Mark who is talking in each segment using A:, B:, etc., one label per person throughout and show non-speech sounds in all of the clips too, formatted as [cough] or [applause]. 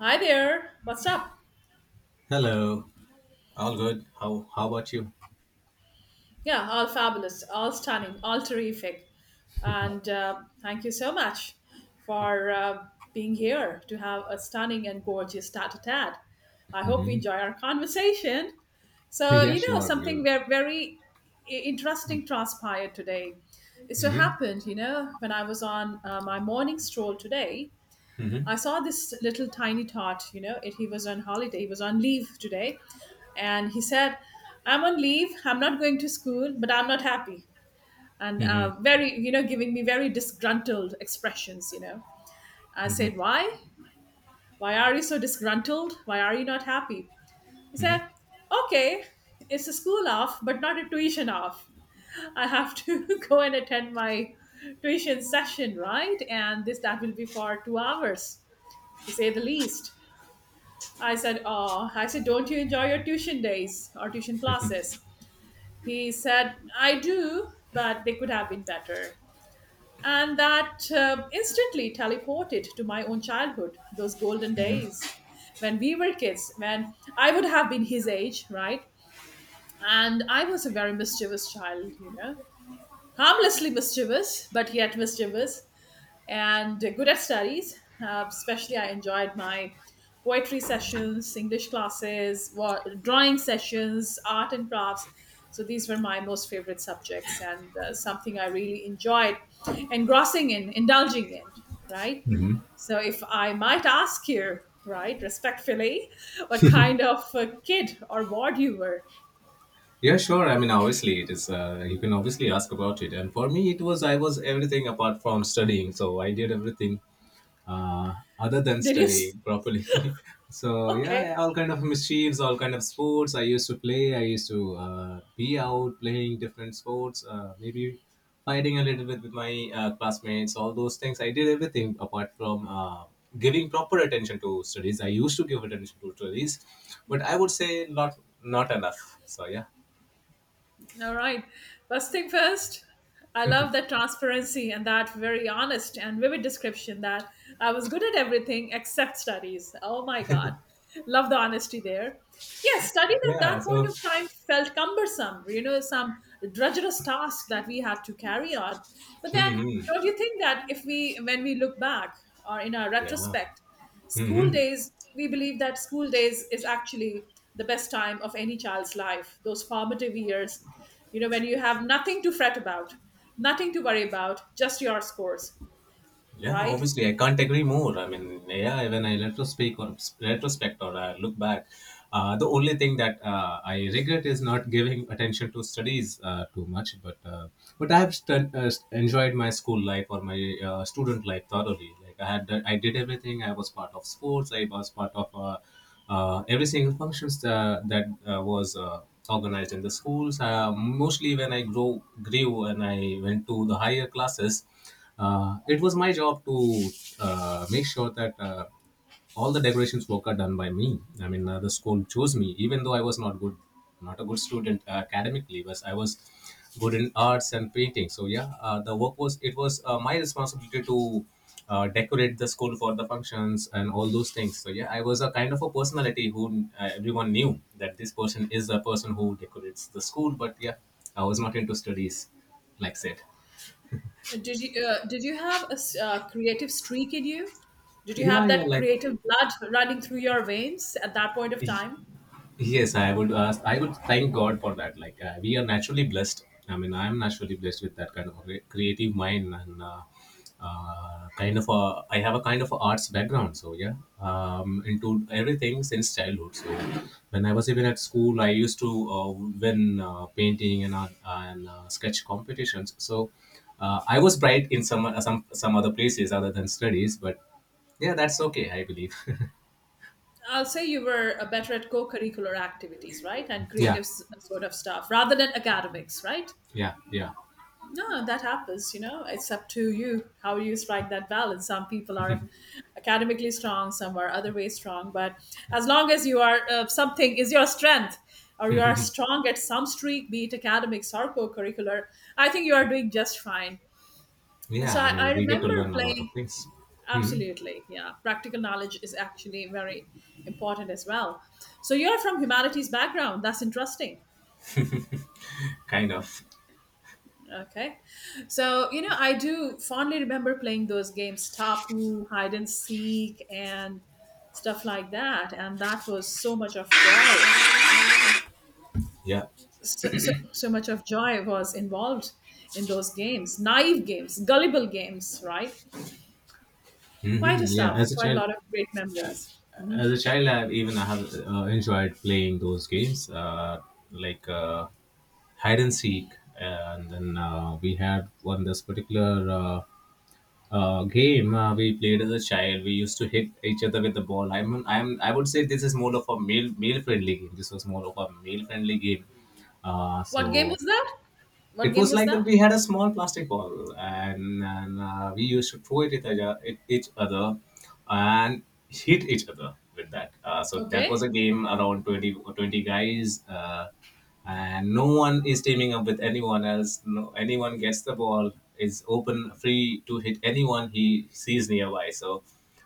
A: Hi there. What's up?
B: Hello. All good. How about you?
A: Yeah, all fabulous, all stunning, all terrific. And Thank you so much for being here to have a stunning and gorgeous tat a tat. I hope we
B: Mm-hmm.
A: enjoy our conversation.
B: [laughs]
A: So,
B: Yeah,
A: you know,
B: sure.
A: something
B: We'll.
A: very, very interesting transpired today. It so
B: Mm-hmm.
A: happened, you know, when I was on my morning stroll today,
B: Mm-hmm.
A: I saw this little tiny tot, you know, it, he was on holiday, he was on leave today. And he said, I'm on leave, I'm not going to school, but I'm not happy. And
B: Mm-hmm.
A: Very, you know, giving me very disgruntled expressions, you know. I
B: Mm-hmm.
A: said, Why? Why are you so disgruntled? Why are you not happy? He said, Okay, it's a school off, but not a tuition off. I have to [laughs] go and attend my tuition session, right? And this, that will be for 2 hours, to say the least. I said, Oh, I said, don't you enjoy your tuition days or tuition classes? He said, I do, but they could have been better. And that instantly teleported to my own childhood, those golden days when we were kids, when I would have been his age, right? And I was a very mischievous child, you know, harmlessly mischievous, but yet mischievous and good at studies. Especially, I enjoyed my poetry sessions, English classes, drawing sessions, art and crafts. So these were my most favorite subjects and something I really enjoyed engrossing in, indulging in, right?
B: Mm-hmm.
A: So if I might ask you, right, respectfully, what kind of kid or ward you were?
B: Yeah, sure. I mean, obviously, it is. You can obviously ask about it. And for me, it was I was everything apart from studying. So I did everything other than
A: Did you? s-
B: studying properly. [laughs]
A: [laughs]
B: So yeah,
A: Okay.
B: all kind of mischiefs, all kind of sports. I used to play. I used to be out playing different sports. Maybe fighting a little bit with my classmates. All those things. I did everything apart from giving proper attention to studies. I used to give attention to studies, but I would say not not enough. So yeah.
A: All right. First thing first, I love that transparency and that very honest and vivid description that I was good at everything except studies. Oh my God. Love the honesty there. Yes, studies at
B: Yeah,
A: that point
B: so
A: of time felt cumbersome, you know, some drudgerous task that we had to carry on. But then, don't
B: mhm.
A: you think that if we, when we look back or in our
B: Yeah.
A: retrospect, school
B: Mhm.
A: days, we believe that school days is actually the best time of any child's life, those formative years, you know, when you have nothing to fret about, nothing to worry about, just your scores,
B: Yeah,
A: right?
B: obviously, I can't agree more. I mean, yeah, when I retrospect or I look back, the only thing that I regret is not giving attention to studies too much. But I have enjoyed my school life or my student life thoroughly. Like I did everything. I was part of sports. I was part of every single functions that was organized in the schools. Mostly when I grow grew and I went to the higher classes. It was my job to make sure that all the decorations work are done by me. I mean, the school chose me, even though I was not good, not a good student academically, but I was good in arts and painting. So yeah, the work was it was my responsibility to decorate the school for the functions and all those things. So yeah, I was a kind of a personality who everyone knew that this person is the person who decorates the school. But yeah, I was not into studies, like said.
A: Did you have a creative streak in you? Did you
B: Yeah,
A: have
B: yeah,
A: that
B: like
A: creative blood running through your veins at that point of time?
B: Yes, I would ask. I would thank God for that. Like we are naturally blessed. I mean, I am naturally blessed with that kind of a creative mind and kind of a. I have a kind of a arts background. So yeah, into everything since childhood. So when I was even at school, I used to win painting and art and sketch competitions. So I was bright in some other places other than studies, but yeah, that's okay. I believe. [laughs]
A: I'll say you were better at co-curricular activities, right, and creative
B: Yeah,
A: sort of stuff rather than academics, right?
B: yeah, yeah.
A: No, that happens, you know. It's up to you how you strike that balance. Some people are academically strong, some are other ways strong. But as long as you are something is your strength, or you are strong at some streak, be it academics or co-curricular, I think you are doing just fine.
B: Yeah,
A: So
B: I
A: I, I
B: mean, we get to
A: remember
B: learn a lot
A: playing.
B: of things. Hmm.
A: Absolutely, yeah. Practical knowledge is actually very important as well. So you're from humanities background. That's interesting.
B: Kind of.
A: Okay. So, you know, I do fondly remember playing those games, Tapu, hide and seek, and stuff like that. And that was so much of joy.
B: Yeah.
A: So much of joy was involved in those games, naive games, gullible games, right? Quite
B: Hmm.
A: a
B: Yeah.
A: stuff,
B: As a
A: quite a
B: child,
A: lot of great memories.
B: as a child, even I have enjoyed playing those games, like hide and seek, and then we had one this particular game we played as a child. We used to hit each other with the ball. I mean, I would say this is more of a male friendly game. This was more of a male friendly game. Uh,
A: What game
B: so
A: was that? What
B: it
A: game
B: was
A: was
B: like
A: that?
B: we had a small plastic ball, and we used to throw it at each other and hit each other with that. So that was
A: Okay.
B: a game around 20, or 20 guys, and no one is teaming up with anyone else. No, anyone gets the ball is open, free to hit anyone he sees nearby. So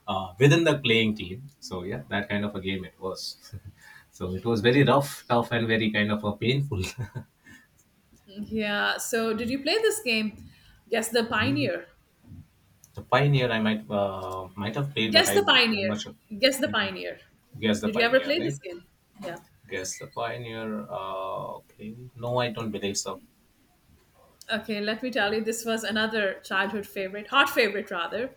B: within the playing team. So yeah, that kind of a game it was. [laughs] So it was very rough, tough, and very kind of a painful.
A: Yeah. So, did you play this game? Guess the
B: [laughs]
A: Pioneer.
B: The Pioneer, I might have played, but
A: Guess the
B: I'm
A: Pioneer.
B: not sure.
A: Guess the Pioneer.
B: Guess the
A: Did you ever
B: Pioneer,
A: play this
B: right?
A: game? Yeah.
B: Guess the Pioneer. Okay. No, I don't believe so.
A: Okay, let me tell you, this was another childhood favorite, hot favorite rather.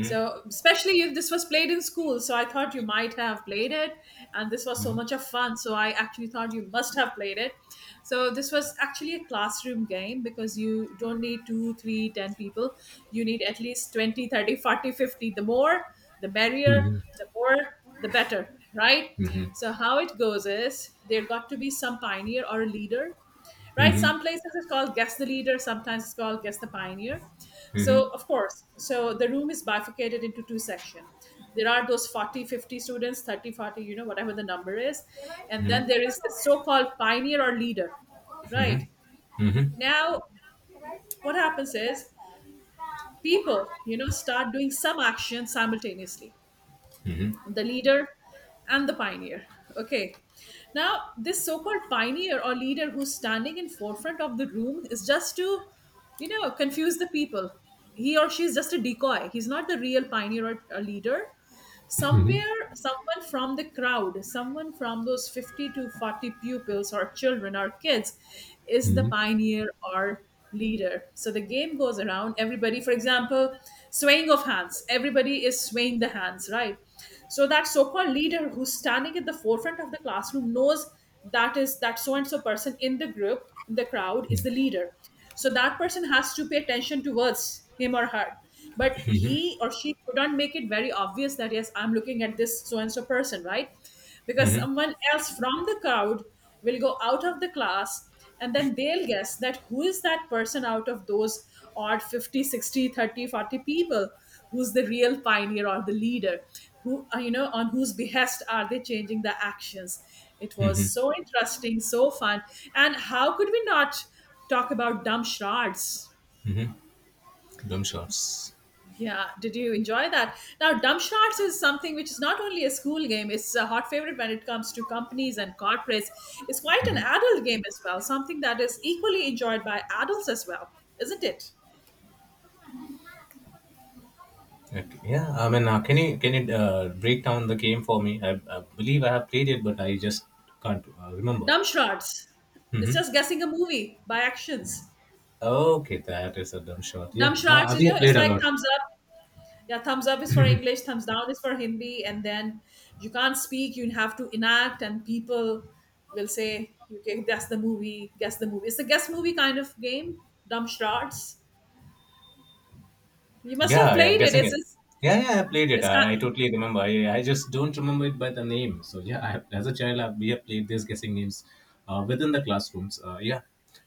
A: So, especially if this was played in school, so I thought you might have played it, and this was so much of fun. So, I actually thought you must have played it. So, this was actually a classroom game because you don't need two, three, ten people. You need at least 20, 30, 40, 50. The more, the merrier,
B: Mhm,
A: the more, the better, right?
B: mhm,
A: So, how it goes is there got to be some pioneer or a leader, right?
B: mhm,
A: Some places it's called guess the leader, sometimes it's called guess the pioneer.
B: mhm,
A: So, of course, so the room is bifurcated into two sections. There are those 40, 50 students, 30, 40, you know, whatever the number is. And then there is the so called pioneer or leader, right?
B: mhm,
A: Now, what happens is people, you know, start doing some action simultaneously,
B: mhm,
A: the leader and the pioneer. Okay, now this so-called pioneer or leader who's standing in forefront of the room is just to, you know, confuse the people. He or she is just a decoy, he's not the real pioneer or leader. Somewhere someone from the crowd, someone from those 50 to 40 pupils or children or kids is the
B: mhm.
A: pioneer or leader. So the game goes around everybody, for example, swaying of hands, everybody is swaying the hands, right? So that so-called leader who's standing at the forefront of the classroom knows that is that so and so person in the group in the crowd is the leader. So that person has to pay attention towards him or her, but he or she couldn't make it very obvious that, yes, I'm looking at this so and so person, right? Because someone else from the crowd will go out of the class and then they'll guess that who is that person out of those odd 50, 60, 30, 40 people who's the real pioneer or the leader, who you know, on whose behest are they changing the actions. It was so interesting, so fun. And how could we not talk about dumb shards?
B: Mm-hmm. Dumb shots.
A: Yeah, did you enjoy that? Now, dumb shards is something which is not only a school game, it's a hot favorite when it comes to companies and corporates. It's quite an adult game as well, something that is equally enjoyed by adults as well, isn't it?
B: Okay. Yeah, I mean, can you break down the game for me? I believe I have played it, but I just can't remember.
A: Dumb shards, it's
B: Mm-hmm.
A: just guessing a movie by actions.
B: Okay, that is a dumb shot. Yeah,
A: Dumb shards, you
B: we
A: know,
B: have
A: it's
B: played a
A: like
B: lot.
A: thumbs up. Yeah, thumbs up is for English, thumbs down is for Hindi, and then you can't speak, you have to enact, and people will say, "You can guess the movie, guess the movie." It's a guess movie kind of game. Dumb shards. You must have
B: Yeah, yeah,
A: played it.
B: guessing
A: It's
B: it.
A: it's,
B: Yeah, yeah, I played it.
A: it's kind.
B: I totally remember. I just don't remember it by the name. So yeah, as a child, we have played these guessing games within the classrooms. Yeah,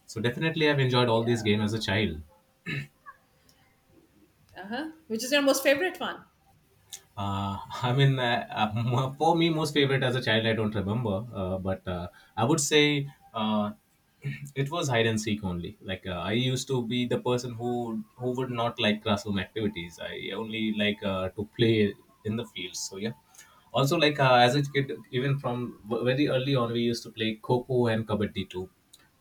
B: so definitely, I've enjoyed all these
A: Yeah.
B: games as a child.
A: Uh huh. Which is your most favorite one?
B: I mean, for me, most favorite as a child, I don't remember, but I would say uh, [clears throat] it was hide and seek only. Like I used to be the person who would not like classroom activities. I only like to play in the fields. So yeah. Also, like as a kid, even from very early on, we used to play kho and kabaddi too.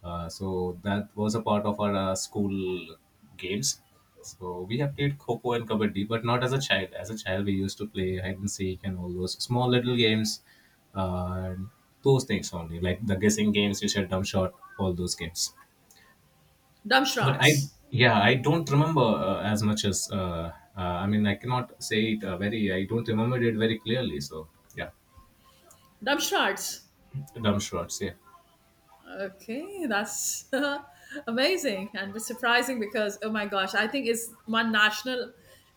B: So that was a part of our school games. So we have played Coco and Kabaddi, but not as a child. As a child, we used to play hide and seek and all those small little games, and those things only, like the guessing games, you said dumb shot, all those games.
A: Dumb
B: But
A: shards.
B: yeah, I don't remember as much as, I mean, I cannot say it very, I don't remember it very clearly. So yeah,
A: Dumb shards.
B: dumb shots, yeah.
A: Okay, that's [laughs] amazing, and it's surprising because oh my gosh, I think it's one national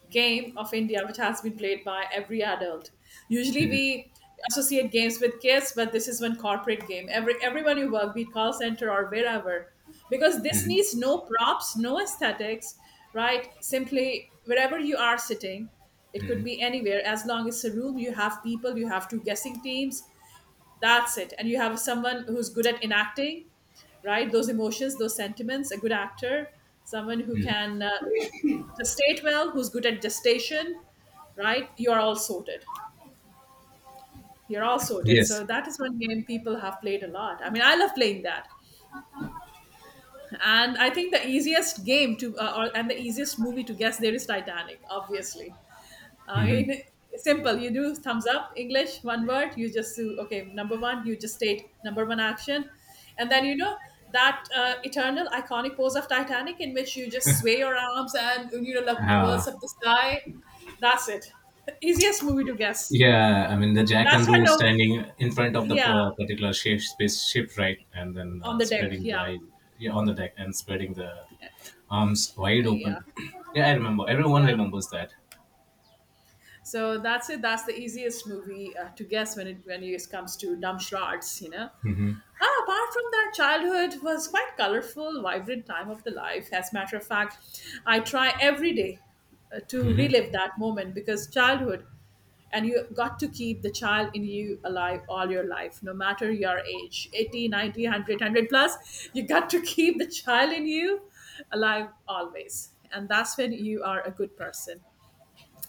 A: game of India which has been played by every adult. Usually we associate games with kids, but this is one corporate game. Everyone you work, be it call center or wherever, because this
B: Hmm.
A: needs no props, no aesthetics, right? Simply wherever you are sitting, it could
B: Hmm.
A: be anywhere. As long as a room, you have people, you have two guessing teams, that's it. And you have someone who's good at enacting, right? Those emotions, those sentiments, a good actor, someone who can gestate well, who's good at gestation, right? You're all sorted. You're all sorted.
B: Yes.
A: So that is one game people have played a lot. I mean, I love playing that. And I think the easiest game to, and the easiest movie to guess there is Titanic, obviously.
B: Mm-hmm.
A: In simple, you do thumbs up, English, one word, you just do, okay, number one, you just state number one action. And then you know that eternal iconic pose of Titanic in which you just sway your arms and, you know, look
B: Uh,
A: towards up the sky. That's it. [laughs] Easiest movie to guess.
B: Yeah, I mean the Jack
A: That's
B: and
A: why,
B: Rose
A: no,
B: standing in front of the
A: yeah,
B: particular shape, spaceship, right, and then
A: on the deck,
B: spreading
A: yeah,
B: the yeah, on the deck and spreading the arms wide
A: yeah,
B: open. [clears throat] Yeah, I remember. Everyone
A: yeah.
B: remembers that.
A: So that's it, that's the easiest movie to guess when it comes to dumb shards, you know.
B: Hmm.
A: Ah, apart from that, childhood was quite colorful, vibrant time of the life. As a matter of fact, I try every day to relive that moment because childhood, and you got to keep the child in you alive all your life, no matter your age, 80, 90, 100, 100 plus. You got to keep the child in you alive always. And that's when you are a good person.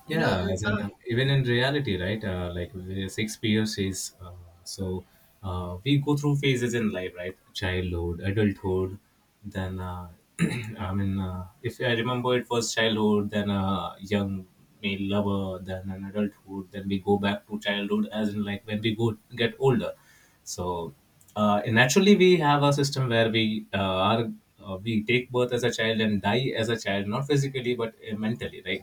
A: You know,
B: Yeah, as in
A: uh,
B: even in reality, right? Like the six POCs. So we go through phases in life, right? Childhood, adulthood, then [clears throat] I mean, if I remember, it was childhood, then young male lover, then an adulthood, then we go back to childhood, as in like when we go get older. So and naturally, we have a system where we take birth as a child and die as a child, not physically but mentally, right?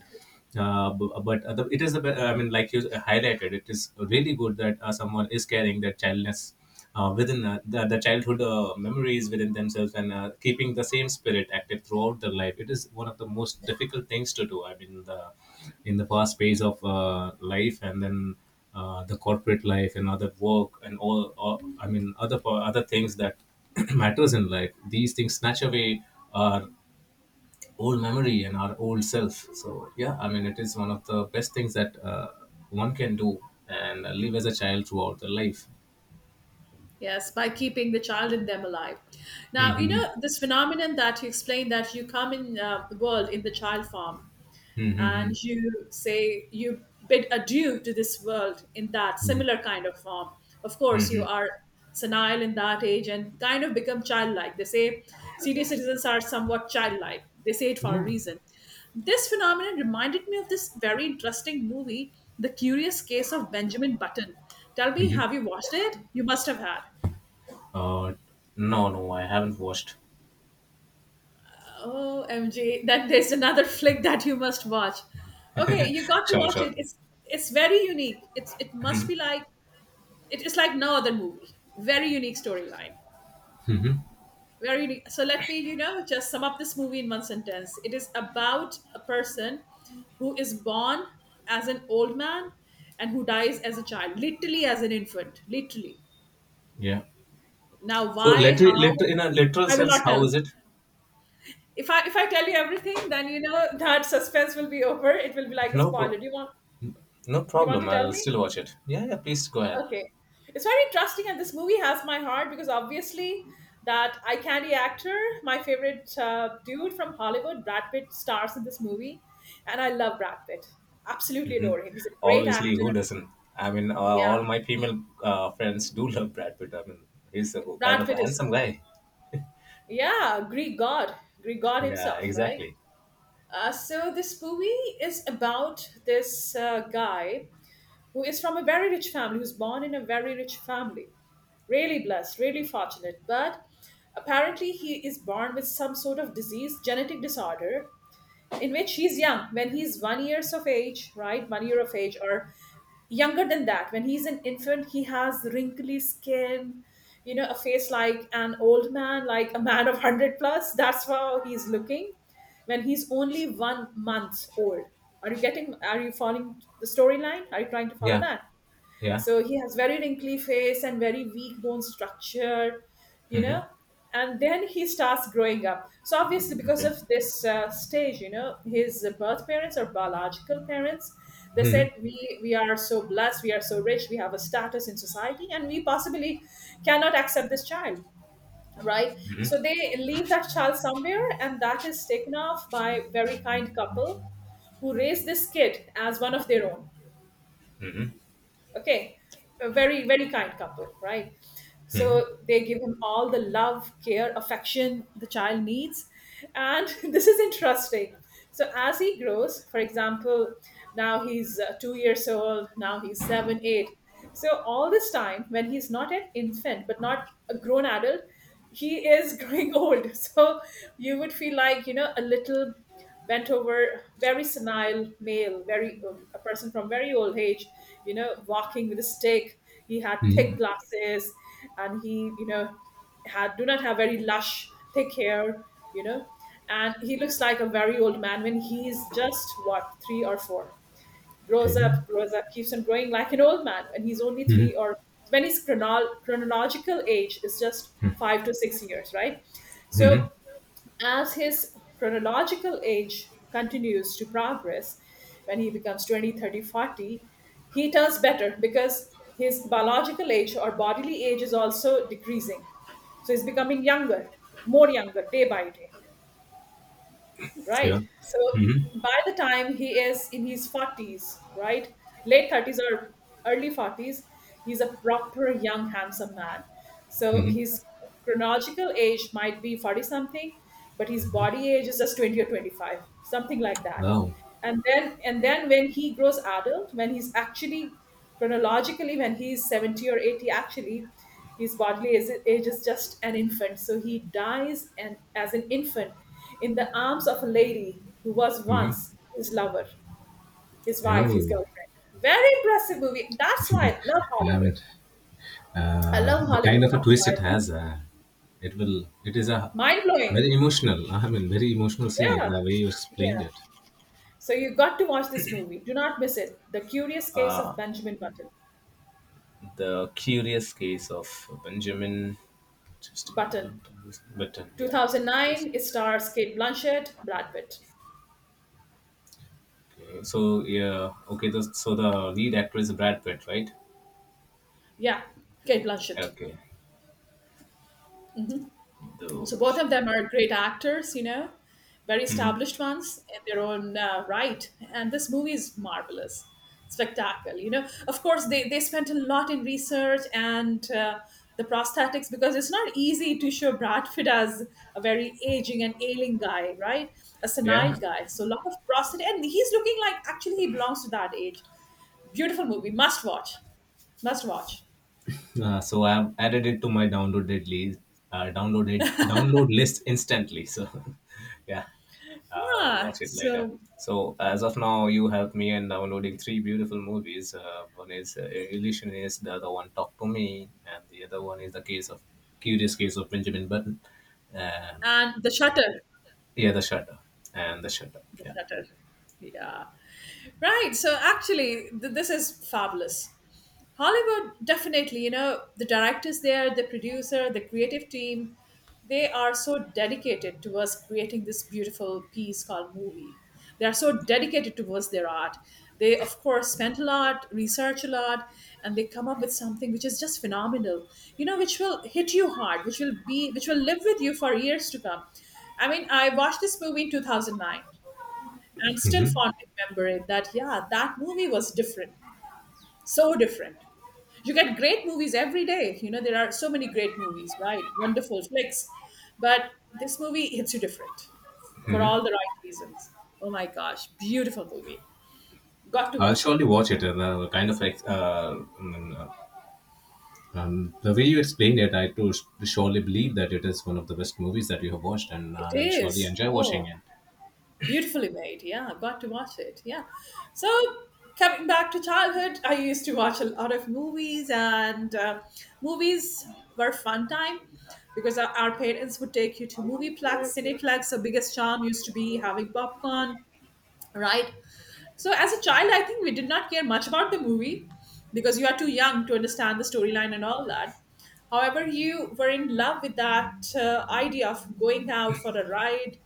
B: But the, it is a be- I mean like you highlighted it is really good that someone is carrying their childness within the childhood memories within themselves, and keeping the same spirit active throughout their life. It is one of the most difficult things to do. I mean the in the fast pace of life, and then the corporate life and other work, and all, I mean, other things that [clears throat] matters in life, these things snatch away our old memory and our old self. So yeah, I mean, it is one of the best things that one can do and live as a child throughout their life.
A: Yes, by keeping the child in them alive. Now, you
B: Mhm.
A: know, this phenomenon that you explained, that you come in the world in the child form, and
B: Mhm.
A: you say you bid adieu to this world in that
B: Mhm.
A: similar kind of form. Of course, you
B: Mhm.
A: are senile in that age and kind of become childlike. They say senior citizens are somewhat childlike, they say it for a
B: Yeah.
A: reason. This phenomenon reminded me of this very interesting movie, The Curious Case of Benjamin Button. Tell me,
B: Mhm.
A: have you watched it? You must have had.
B: Uh, no, no, I haven't watched.
A: Oh, MG, that there's another [laughs] flick that you must watch. Okay, you got to
B: Sure,
A: watch
B: sure.
A: it. It's very unique. It must be like it is like no other movie. Very unique storyline.
B: Mhm.
A: Very unique. So let me, just sum up this movie in one sentence. It is about a person who is born as an old man and who dies as a child, literally as an infant, literally.
B: Yeah.
A: Now,
B: So,
A: why, how,
B: in a literal
A: I will
B: sense,
A: not
B: how
A: tell.
B: is it?
A: If I tell you everything, then you know that suspense will be over. It will be like a
B: No,
A: spoiler.
B: pro-
A: Do you want
B: no
A: do you want
B: problem.
A: to tell
B: I'll
A: me?
B: still watch it. Yeah, yeah. Please go ahead.
A: Okay. It's very interesting, and this movie has my heart because obviously that eye candy actor, my favorite dude from Hollywood, Brad Pitt, stars in this movie, and I love Brad Pitt. Absolutely
B: Hmm.
A: adore him. He's a great
B: Obviously,
A: actor.
B: who doesn't? I mean,
A: Yeah.
B: all my female friends do [laughs] love Brad Pitt. I mean, he's a kind
A: Brad
B: of
A: Pitt
B: a
A: is,
B: handsome guy.
A: yeah, Greek god
B: Yeah,
A: himself, right?
B: exactly.
A: So this movie is about this guy who is from a very rich family, who's born in a very rich family. Really blessed, really fortunate. But apparently, he is born with some sort of disease, genetic disorder, in which he's young when he's 1 years of age, right? 1 year of age, or younger than that, when he's an infant. He has wrinkly skin, you know a face like an old man, like a man of 100 plus. That's how he's looking when he's only 1 month old. Are you following the storyline? Are you trying to follow
B: Yeah,
A: that?
B: yeah.
A: So he has very wrinkly face and very weak bone structure, you
B: Hmm.
A: know. And then he starts growing up. So obviously, because
B: Okay.
A: of this stage, you know, his birth parents or biological parents, they said,
B: Hmm.
A: we are so blessed, we are so rich, we have a status in society, and we possibly cannot accept this child, right? So
B: Hmm.
A: they leave that child somewhere, and that is taken off by very kind couple who raise this kid as one of their own.
B: Hmm.
A: Okay, a very, very kind couple, right? So they give him all the love, care, affection the child needs. And [laughs] this is interesting. So as he grows, for example, now he's 2 years old, now he's seven, eight. So all this time, when he's not an infant, but not a grown adult, he is [laughs] growing old. So you would feel like, you know, a little bent over, very senile male, very a person from very old age, you know, walking with a stick. He had thick
B: Hmm.
A: glasses, and he, you know, had, do not have, very lush thick hair, you know, and he looks like a very old man when he's just what, three or four? grows
B: Okay.
A: up grows up keeps on growing like an old man when he's only
B: Hmm.
A: three, or when his chronological age is just 5 to 6 years, right? So
B: Hmm.
A: as his chronological age continues to progress, when he becomes 20, 30, 40, he does better because his biological age or bodily age is also decreasing. So he's becoming younger, more younger day by day, right?
B: Yeah.
A: So
B: Hmm.
A: by the time he is in his 40s, right? Late 30s or early 40s, he's a proper young, handsome man. So
B: Hmm.
A: his chronological age might be 40 something, but his body age is just 20 or 25, something like that.
B: Wow.
A: And then when he grows adult, when he's actually chronologically, when he's 70 or 80, actually his bodily age is just an infant, so he dies, and as an infant in the arms of a lady who was
B: Hmm.
A: once his lover, his wife, his
B: Oh,
A: girlfriend. Very impressive movie. That's why I love
B: I
A: Hollywood.
B: mean,
A: I love
B: the
A: Hollywood.
B: kind of a
A: That's
B: twist
A: why
B: it
A: it's
B: has, it will. It is a
A: mind-blowing.
B: very emotional. I mean, very emotional scene.
A: Yeah.
B: The way you explained
A: Yeah.
B: it.
A: So you got to watch this movie. Do not miss it. The Curious Case of Benjamin button
B: The Curious Case of Benjamin just a
A: Button.
B: minute, this Button. Yeah, just
A: 2009, it stars Kate Blanchett, Brad Pitt.
B: okay. So yeah, okay. So the lead actor is Brad Pitt, right?
A: Yeah, Kate Blanchett.
B: Okay.
A: So both
B: Okay.
A: of them are great actors, you know, very
B: Hmm.
A: established ones in their own right. And this movie is marvelous, spectacular. You know, of course, they spent a lot in research, and the prosthetics, because it's not easy to show Brad Pitt as a very aging and ailing guy, right? A senile
B: Yeah,
A: guy. So a lot of prosthetic, and he's looking like actually he belongs to that age. Beautiful movie. Must watch. Must watch.
B: So I've added it to my downloaded list, download list instantly. So [laughs] yeah, I'll
A: Yeah.
B: watch it later.
A: So.
B: So as of now, you helped me in downloading three beautiful movies. One is Illusionist, the other one Talk to Me, and the other one is the case of Curious Case of Benjamin Button, and
A: And The Shutter.
B: yeah, The Shutter and The Shutter.
A: The
B: Yeah,
A: Shutter. Yeah. Right. So actually, this is fabulous. Hollywood, definitely, you know, the directors there, the producer, the creative team, they are so dedicated towards creating this beautiful piece called movie. They are so dedicated towards their art. They, of course, spent a lot, research a lot, and they come up with something which is just phenomenal, you know, which will hit you hard, which will be, which will live with you for years to come. I mean, I watched this movie in 2009. I'm still fondly remembering that, yeah, that movie was different, so different. You get great movies every day. You know, there are so many great movies, right? Wonderful flicks. But this movie hits you different for all the right reasons. Oh my gosh, beautiful movie. Got to
B: I'll
A: watch it.
B: surely watch it. And kind of like the way you explained it, I to surely believe that it is one of the best movies that you have watched, and
A: It
B: I'll surely
A: is.
B: enjoy watching
A: Oh.
B: it.
A: Beautifully made. Yeah, I've got to watch it. Yeah. So coming back to childhood, I used to watch a lot of movies, and movies were fun time, because our parents would take you to movieplex, cineplex. The biggest charm used to be having popcorn, right? So as a child, I think we did not care much about the movie because you are too young to understand the storyline and all that. However, you were in love with that idea of going out for a ride,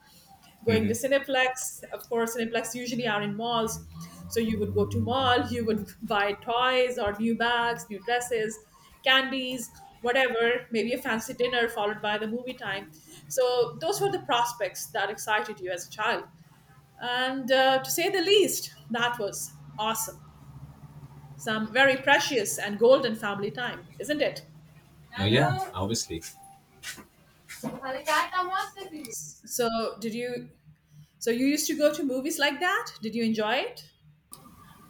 A: going to
B: Mhm.
A: Cineplex. Of course, Cineplex usually are in malls. So you would go to mall, you would [laughs] buy toys or new bags, new dresses, candies, whatever, maybe a fancy dinner followed by the movie time. So those were the prospects that excited you as a child. And to say the least, that was awesome. Some very precious and golden family time, isn't it?
B: Yeah, obviously.
A: So did you so you used to go to movies like that? Did you enjoy it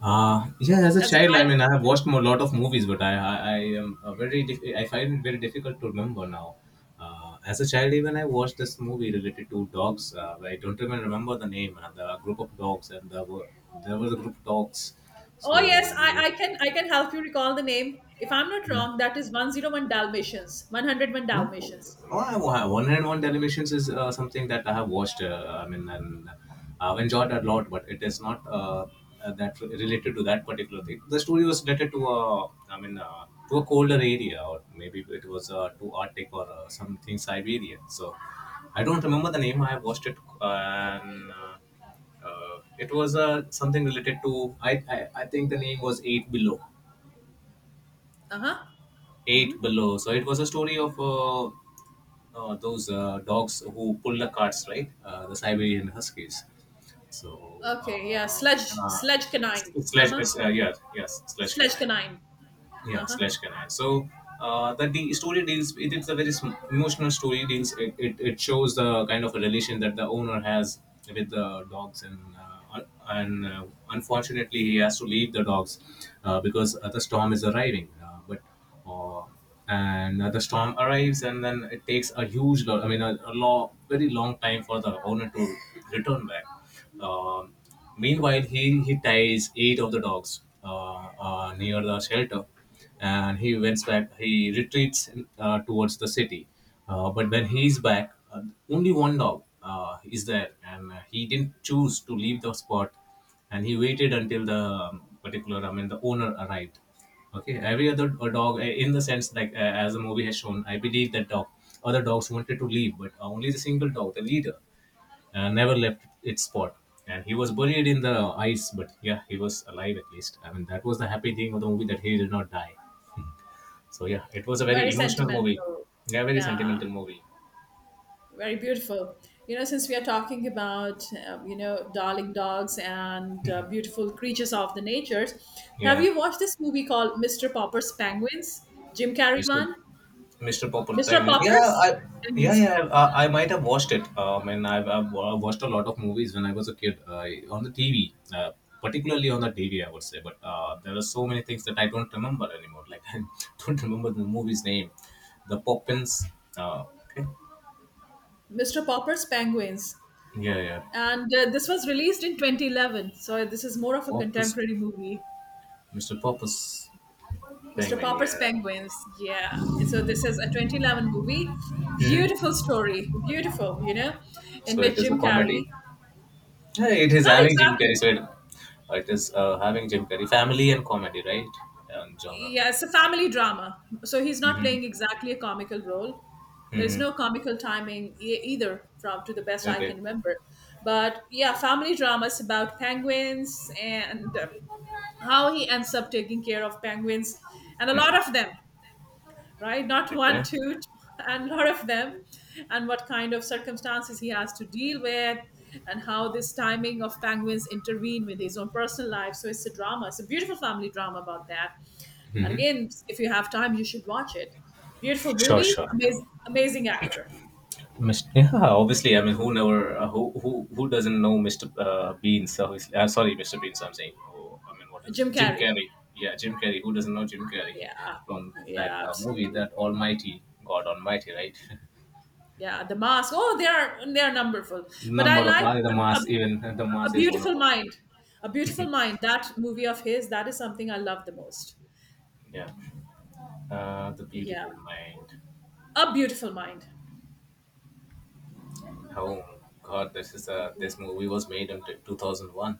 B: Yeah, as a
A: as a
B: child, I
A: child?
B: mean, I have watched a lot of movies, but I am I find it very difficult to remember now. As a child, even I watched this movie related to dogs. But I don't even remember the name. The group of dogs, and there was a group of dogs.
A: Oh yes, I,
B: So
A: I can I can help you recall the name. If I'm not
B: mm,
A: wrong, that is 101 Dalmatians. 101
B: No?
A: Dalmatians.
B: Oh, I have one and one televisions is something that I have watched. I mean, and I've enjoyed a lot, but it is not related to that particular thing. The story was related to I mean, to a colder area, or maybe it was to Arctic or something Siberia. So I don't remember the name. I have watched it, and it was something related to. I think the name was Eight Below.
A: Uh-huh. Hmm.
B: Eight Below. So it was a story of those dogs who pull the carts, right? The Siberian Huskies. So
A: Okay, yeah.
B: uh,
A: Sludge
B: uh,
A: sludge canine.
B: slash,
A: Uh-huh.
B: yeah, yes, slash
A: Sludge
B: canine.
A: canine.
B: Yeah,
A: Uh-huh.
B: slash canine. So the story deals. It is a very emotional story. Deals. It shows the kind of a relation that the owner has with the dogs, and unfortunately he has to leave the dogs, because the storm is arriving. But uh, and The storm arrives, and then it takes I mean, a long, very long time for the owner to return back. Um Meanwhile, he ties eight of the dogs near the shelter, and he went back. He retreats towards the city, but when he's back, only one dog is there, and he didn't choose to leave the spot, and he waited until the particular I mean the owner arrived. Okay, every other dog, in the sense, like, as the movie has shown, I believe that dog other dogs wanted to leave, but only the single dog, the leader, never left its spot, and he was buried in the ice. But yeah, he was alive, at least I mean, that was the happy thing of the movie, that he did not die. So yeah, it was a very
A: Very
B: emotional movie.
A: sentimental.
B: Yeah, very
A: Yeah.
B: sentimental movie.
A: Very beautiful. You know, since we are talking about you know, darling dogs and beautiful creatures of the natures, have
B: Yeah.
A: you watched this movie called Mr. Popper's Penguins? Jim Carrey
B: Mr.
A: one?
B: Mr. Popper
A: Mr.
B: Time. Yeah,
A: Popper's
B: I yeah,
A: Penguins.
B: yeah. I might have watched it. I mean, watched a lot of movies when I was a kid, on the TV, particularly on the TV, I would say. But there are so many things that I don't remember anymore. Like, [laughs] I don't remember the movie's name, the Poppins. Uh, okay.
A: Mr. Popper's Penguins.
B: Yeah, yeah.
A: And this was released in 2011. So this is more of a
B: Poppers,
A: contemporary movie.
B: Mr. Popper's
A: Mr.
B: Penguin.
A: Popper's
B: Yeah.
A: Penguins. Yeah. So this is a 2011 movie. Beautiful
B: hmm
A: story. Beautiful, you know, in
B: So it
A: which
B: is a
A: Jim
B: comedy.
A: Carrey,
B: Yeah, it is
A: not
B: having Jim Carrey
A: exactly,
B: said. It is having Jim Carrey family and comedy, right? And genre.
A: yeah, it's a family drama. So he's not
B: Mm-hmm.
A: playing exactly a comical role. There is
B: Mm-hmm.
A: no comical timing either, from to the best I
B: Okay.
A: can remember. But yeah, family drama is about penguins, and. How he ends up taking care of penguins and a lot
B: Mm-hmm.
A: of them, right? Not one,
B: Okay.
A: two, [laughs] and a lot of them, and what kind of circumstances he has to deal with, and how this timing of penguins intervene with his own personal life. So it's a drama. It's a beautiful family drama about that. And
B: Mm-hmm.
A: again, if you have time, you should watch it. Beautiful
B: Sure,
A: movie,
B: sure.
A: amazing, amazing actor,
B: Mr. Yeah, obviously. I mean, who never, uh, who doesn't know Mr. Beans? Obviously, sorry, Mr. Beans, I'm saying. Oh, I mean, what is
A: Jim
B: Jim
A: Carrey.
B: Carrey? Yeah, Jim Carrey. Who doesn't know Jim Carrey
A: Yeah,
B: [laughs] from that
A: yeah,
B: movie,
A: absolutely.
B: that Almighty God Almighty, right? [laughs]
A: Yeah, the mask. Oh, they are numberful. But I
B: Number of
A: like
B: the mass, even the
A: A
B: mass is one of
A: Beautiful
B: them.
A: Mind. A Beautiful Mind. That movie of his, that is something I love the most.
B: Yeah. The
A: Yeah.
B: Beautiful Mind.
A: A Beautiful Mind.
B: Oh God, this is a
A: Yeah.
B: this movie was made in 2001.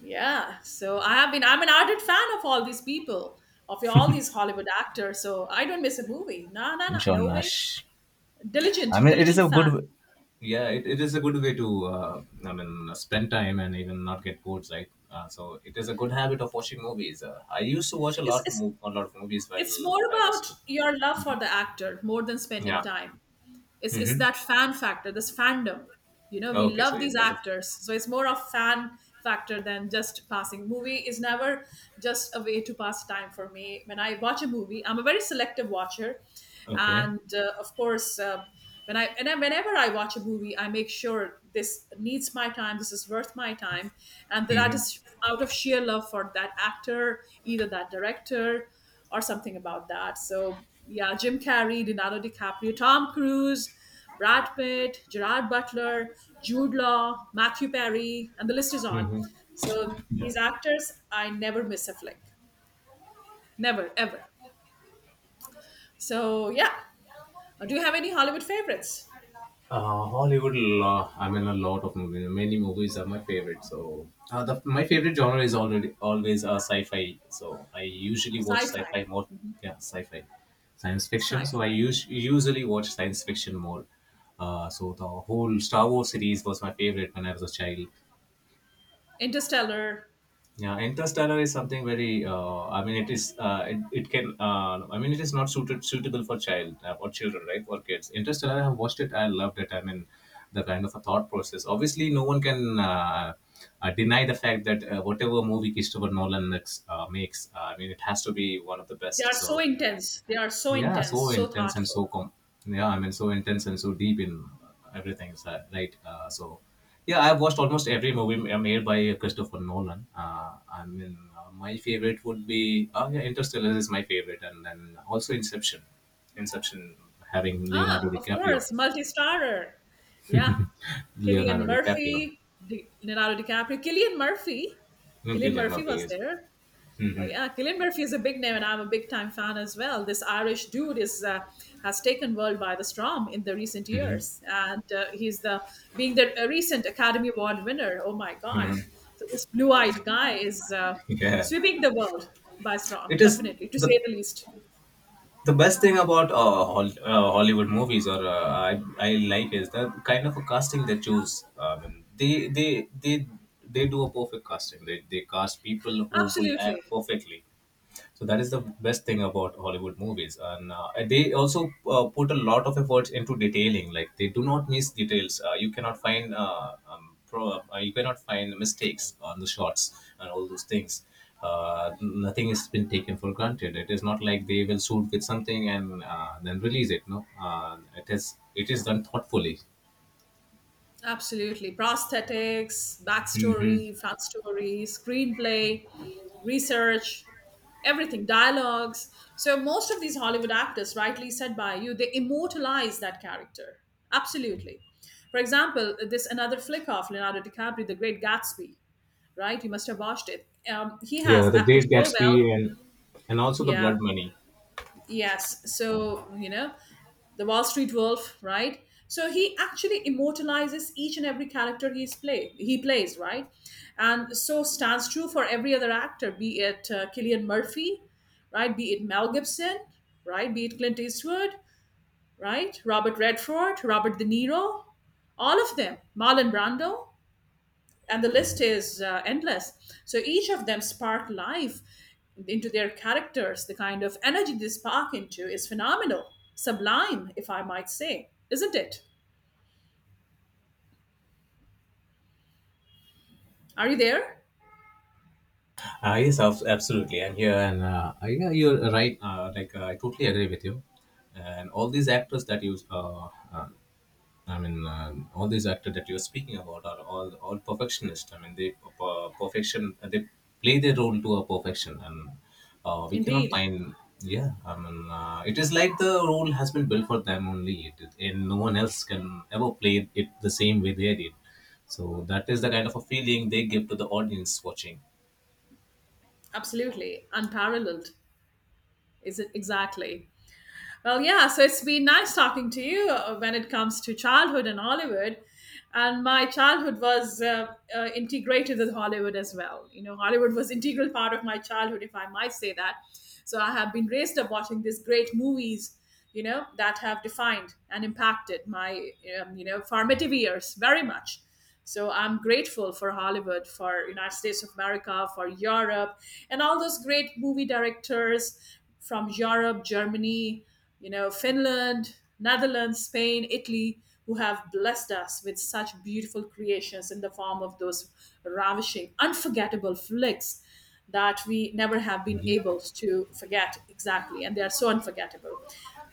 A: Yeah. So I'm an ardent fan of all these people, of all these Hollywood actors. So I don't miss a movie. No, no, no.
B: John
A: No way.
B: Nash. I
A: Diligent,
B: mean, it is
A: diligent
B: a
A: fan.
B: good. Yeah, it is a good way to, I mean, spend time and even not get bored, right? So it is a good habit of watching movies. I used to watch
A: It's, it's,
B: a lot of movies
A: it's
B: while
A: more
B: I was
A: about
B: kid.
A: your love for
B: Mhm.
A: the actor more than spending
B: Yeah.
A: time. It's
B: Mm-hmm.
A: that fan factor, this fandom, you know, we
B: Okay, so
A: love
B: it-
A: these
B: there's a
A: actors, so it's more of fan factor than just passing. Movie is never just a way to pass time for me. When I watch a movie, I'm a very selective watcher,
B: Okay.
A: and of course, when whenever I watch a movie, I make sure this needs my time, this is worth my time, and that
B: Mm-hmm.
A: is out of sheer love for that actor, either that director, or something about that. So yeah, Jim Carrey, Leonardo DiCaprio, Tom Cruise, Brad Pitt, Gerard Butler, Jude Law, Matthew Perry, and the list is on.
B: Mm-hmm.
A: So
B: Yeah.
A: these actors, I never miss a flick, never ever. So yeah. Do you have any Hollywood favorites?
B: Hollywood, I mean, a lot of movies. Many movies are my favorite. So, my favorite genre is already always sci-fi. So, I usually watch
A: Sci-fi,
B: sci-fi more. Yeah, sci-fi, science fiction. So, I
A: sci-fi,
B: us- usually watch science fiction more. So, the whole Star Wars series was my favorite when I was a child.
A: Interstellar.
B: Yeah, Interstellar is something very. I mean, it is. It can. I mean, it is not suited suitable for children, right? For kids. Interstellar. I have watched it. I loved it. I mean, the kind of a thought process. Obviously, no one can deny the fact that whatever movie Christopher Nolan makes, makes. I mean, it has to be one of the
A: They are
B: best.
A: so
B: So
A: intense. They are so
B: yeah,
A: intense,
B: so
A: so
B: intense and so
A: thoughtful.
B: com yeah, I mean, so intense and so deep in everything, is that right? So, yeah, I've watched almost every movie made by Christopher Nolan. I mean, my favorite would be, oh yeah, Interstellar is my favorite, and then also Inception. Inception, having Leonardo
A: Ah, of
B: DiCaprio.
A: course, multi-starrer. Yeah,
B: [laughs]
A: Killian
B: Leonardo DiCaprio.
A: Murphy, Leonardo DiCaprio. Killian Murphy. Killian
B: Cillian
A: Murphy
B: Murphy
A: was
B: is.
A: there. Oh
B: Hmm.
A: yeah, Killian Murphy is a big name, and I'm a big time fan as well. This Irish dude is has taken world by the storm in the recent
B: Hmm.
A: years, and he's the being the a recent Academy Award winner. Oh my God!
B: Hmm.
A: So this blue-eyed guy is
B: Yeah,
A: sweeping the world by storm,
B: it is
A: definitely to say
B: the
A: the least.
B: the best thing about Hollywood movies, or I like, is the kind of a casting they choose. I mean, they do a perfect casting. They cast people who will act
A: Absolutely.
B: perfectly. So that is the best thing about Hollywood movies, and they also put a lot of efforts into detailing. Like, they do not miss details. You cannot find mistakes on the shots and all those things. Nothing has been taken for granted. It is not like they will shoot with something and then release it. No, it is done thoughtfully.
A: Absolutely. Prosthetics,
B: Hmm.
A: backstory, fan story, screenplay, research, everything, dialogues. So most of these Hollywood actors, rightly said by you, they immortalize that character. Absolutely. For example, this another flick of Leonardo DiCaprio, The Great Gatsby, right? You must have watched it. He
B: Yeah,
A: has
B: the
A: acted
B: Great
A: so well.
B: Gatsby, and also the
A: Yeah.
B: Blood Money.
A: Yes. So, you know, the Wall Street Wolf, right? So he actually immortalizes each and every character he plays, right? And so stands true for every other actor, be it Killian Murphy, right? Be it Mel Gibson, right? Be it Clint Eastwood, right? Robert Redford, Robert De Niro, all of them. Marlon Brando, and the list is endless. So each of them spark life into their characters. The kind of energy they spark into is phenomenal, sublime, if I might say. Isn't it? Are you there?
B: Yes, absolutely. And here, and Yeah, you're right. Like, I totally agree with you. And all these actors that you, uh, I mean, all these actors that you're speaking about are all perfectionists. I mean, they perfection. They play their role to a perfection, and we cannot
A: Indeed.
B: find. Yeah, I mean, it is like the role has been built for them only, and no one else can ever play it the same way they did. So that is the kind of a feeling they give to the audience watching.
A: Absolutely unparalleled. Is it? Exactly. Well, yeah, so it's been nice talking to you when it comes to childhood and Hollywood. And my childhood was integrated with Hollywood as well. You know, Hollywood was integral part of my childhood, if I might say that. So I have been raised up watching these great movies, you know, that have defined and impacted my, you know, formative years very much. So I'm grateful for Hollywood, for United States of America, for Europe, and all those great movie directors from Europe, Germany, you know, Finland, Netherlands, Spain, Italy, who have blessed us with such beautiful creations in the form of those ravishing, unforgettable flicks that we never have been
B: Mhm.
A: able to forget exactly, and they are so unforgettable.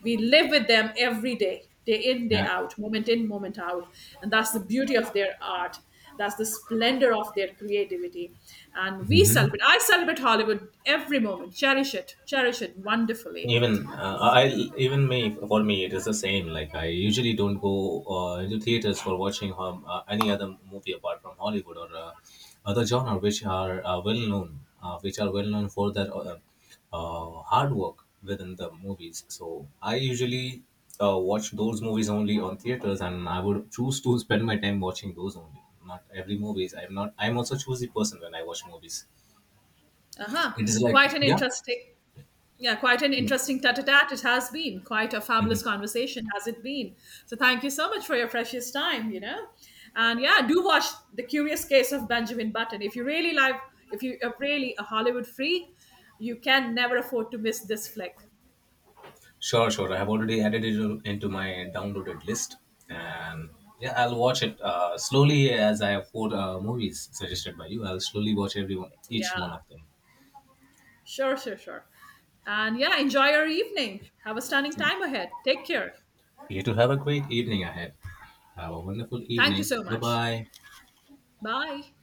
A: We live with them every day, day in, day
B: Yeah.
A: out, moment in, moment out, and that's the beauty of their art. That's the splendor of their creativity. And we
B: Hmm.
A: celebrate, I celebrate Hollywood every moment, cherish it wonderfully.
B: even I even me For me, it is the same. Like, I usually don't go into theaters for watching any other movie apart from Hollywood or other genre which are well known for their hard work within the movies. So I usually watch those movies only on theaters, and I would choose to spend my time watching those only. Not every movies I'm not I'm also choosy person when I watch movies.
A: Uh huh.
B: It is like,
A: Quite an
B: yeah,
A: interesting. Yeah, quite an
B: yeah.
A: interesting tat a tat it has been. Quite a fabulous
B: Mm-hmm.
A: conversation has it been. So thank you so much for your precious time. And yeah, do watch The Curious Case of Benjamin Button. If you are really a Hollywood free, you can never afford to miss this flick.
B: Sure, sure. I have already added it into my downloaded list, and yeah, I'll watch it slowly, as I have four movies suggested by you. I'll slowly watch every one, each
A: Yeah.
B: one of them.
A: Sure, sure, sure. And yeah, enjoy your evening. Have a stunning time ahead. Take care.
B: You to have a great evening ahead. Have a wonderful
A: Thank you
B: evening.
A: so
B: Bye
A: much.
B: bye.
A: Bye.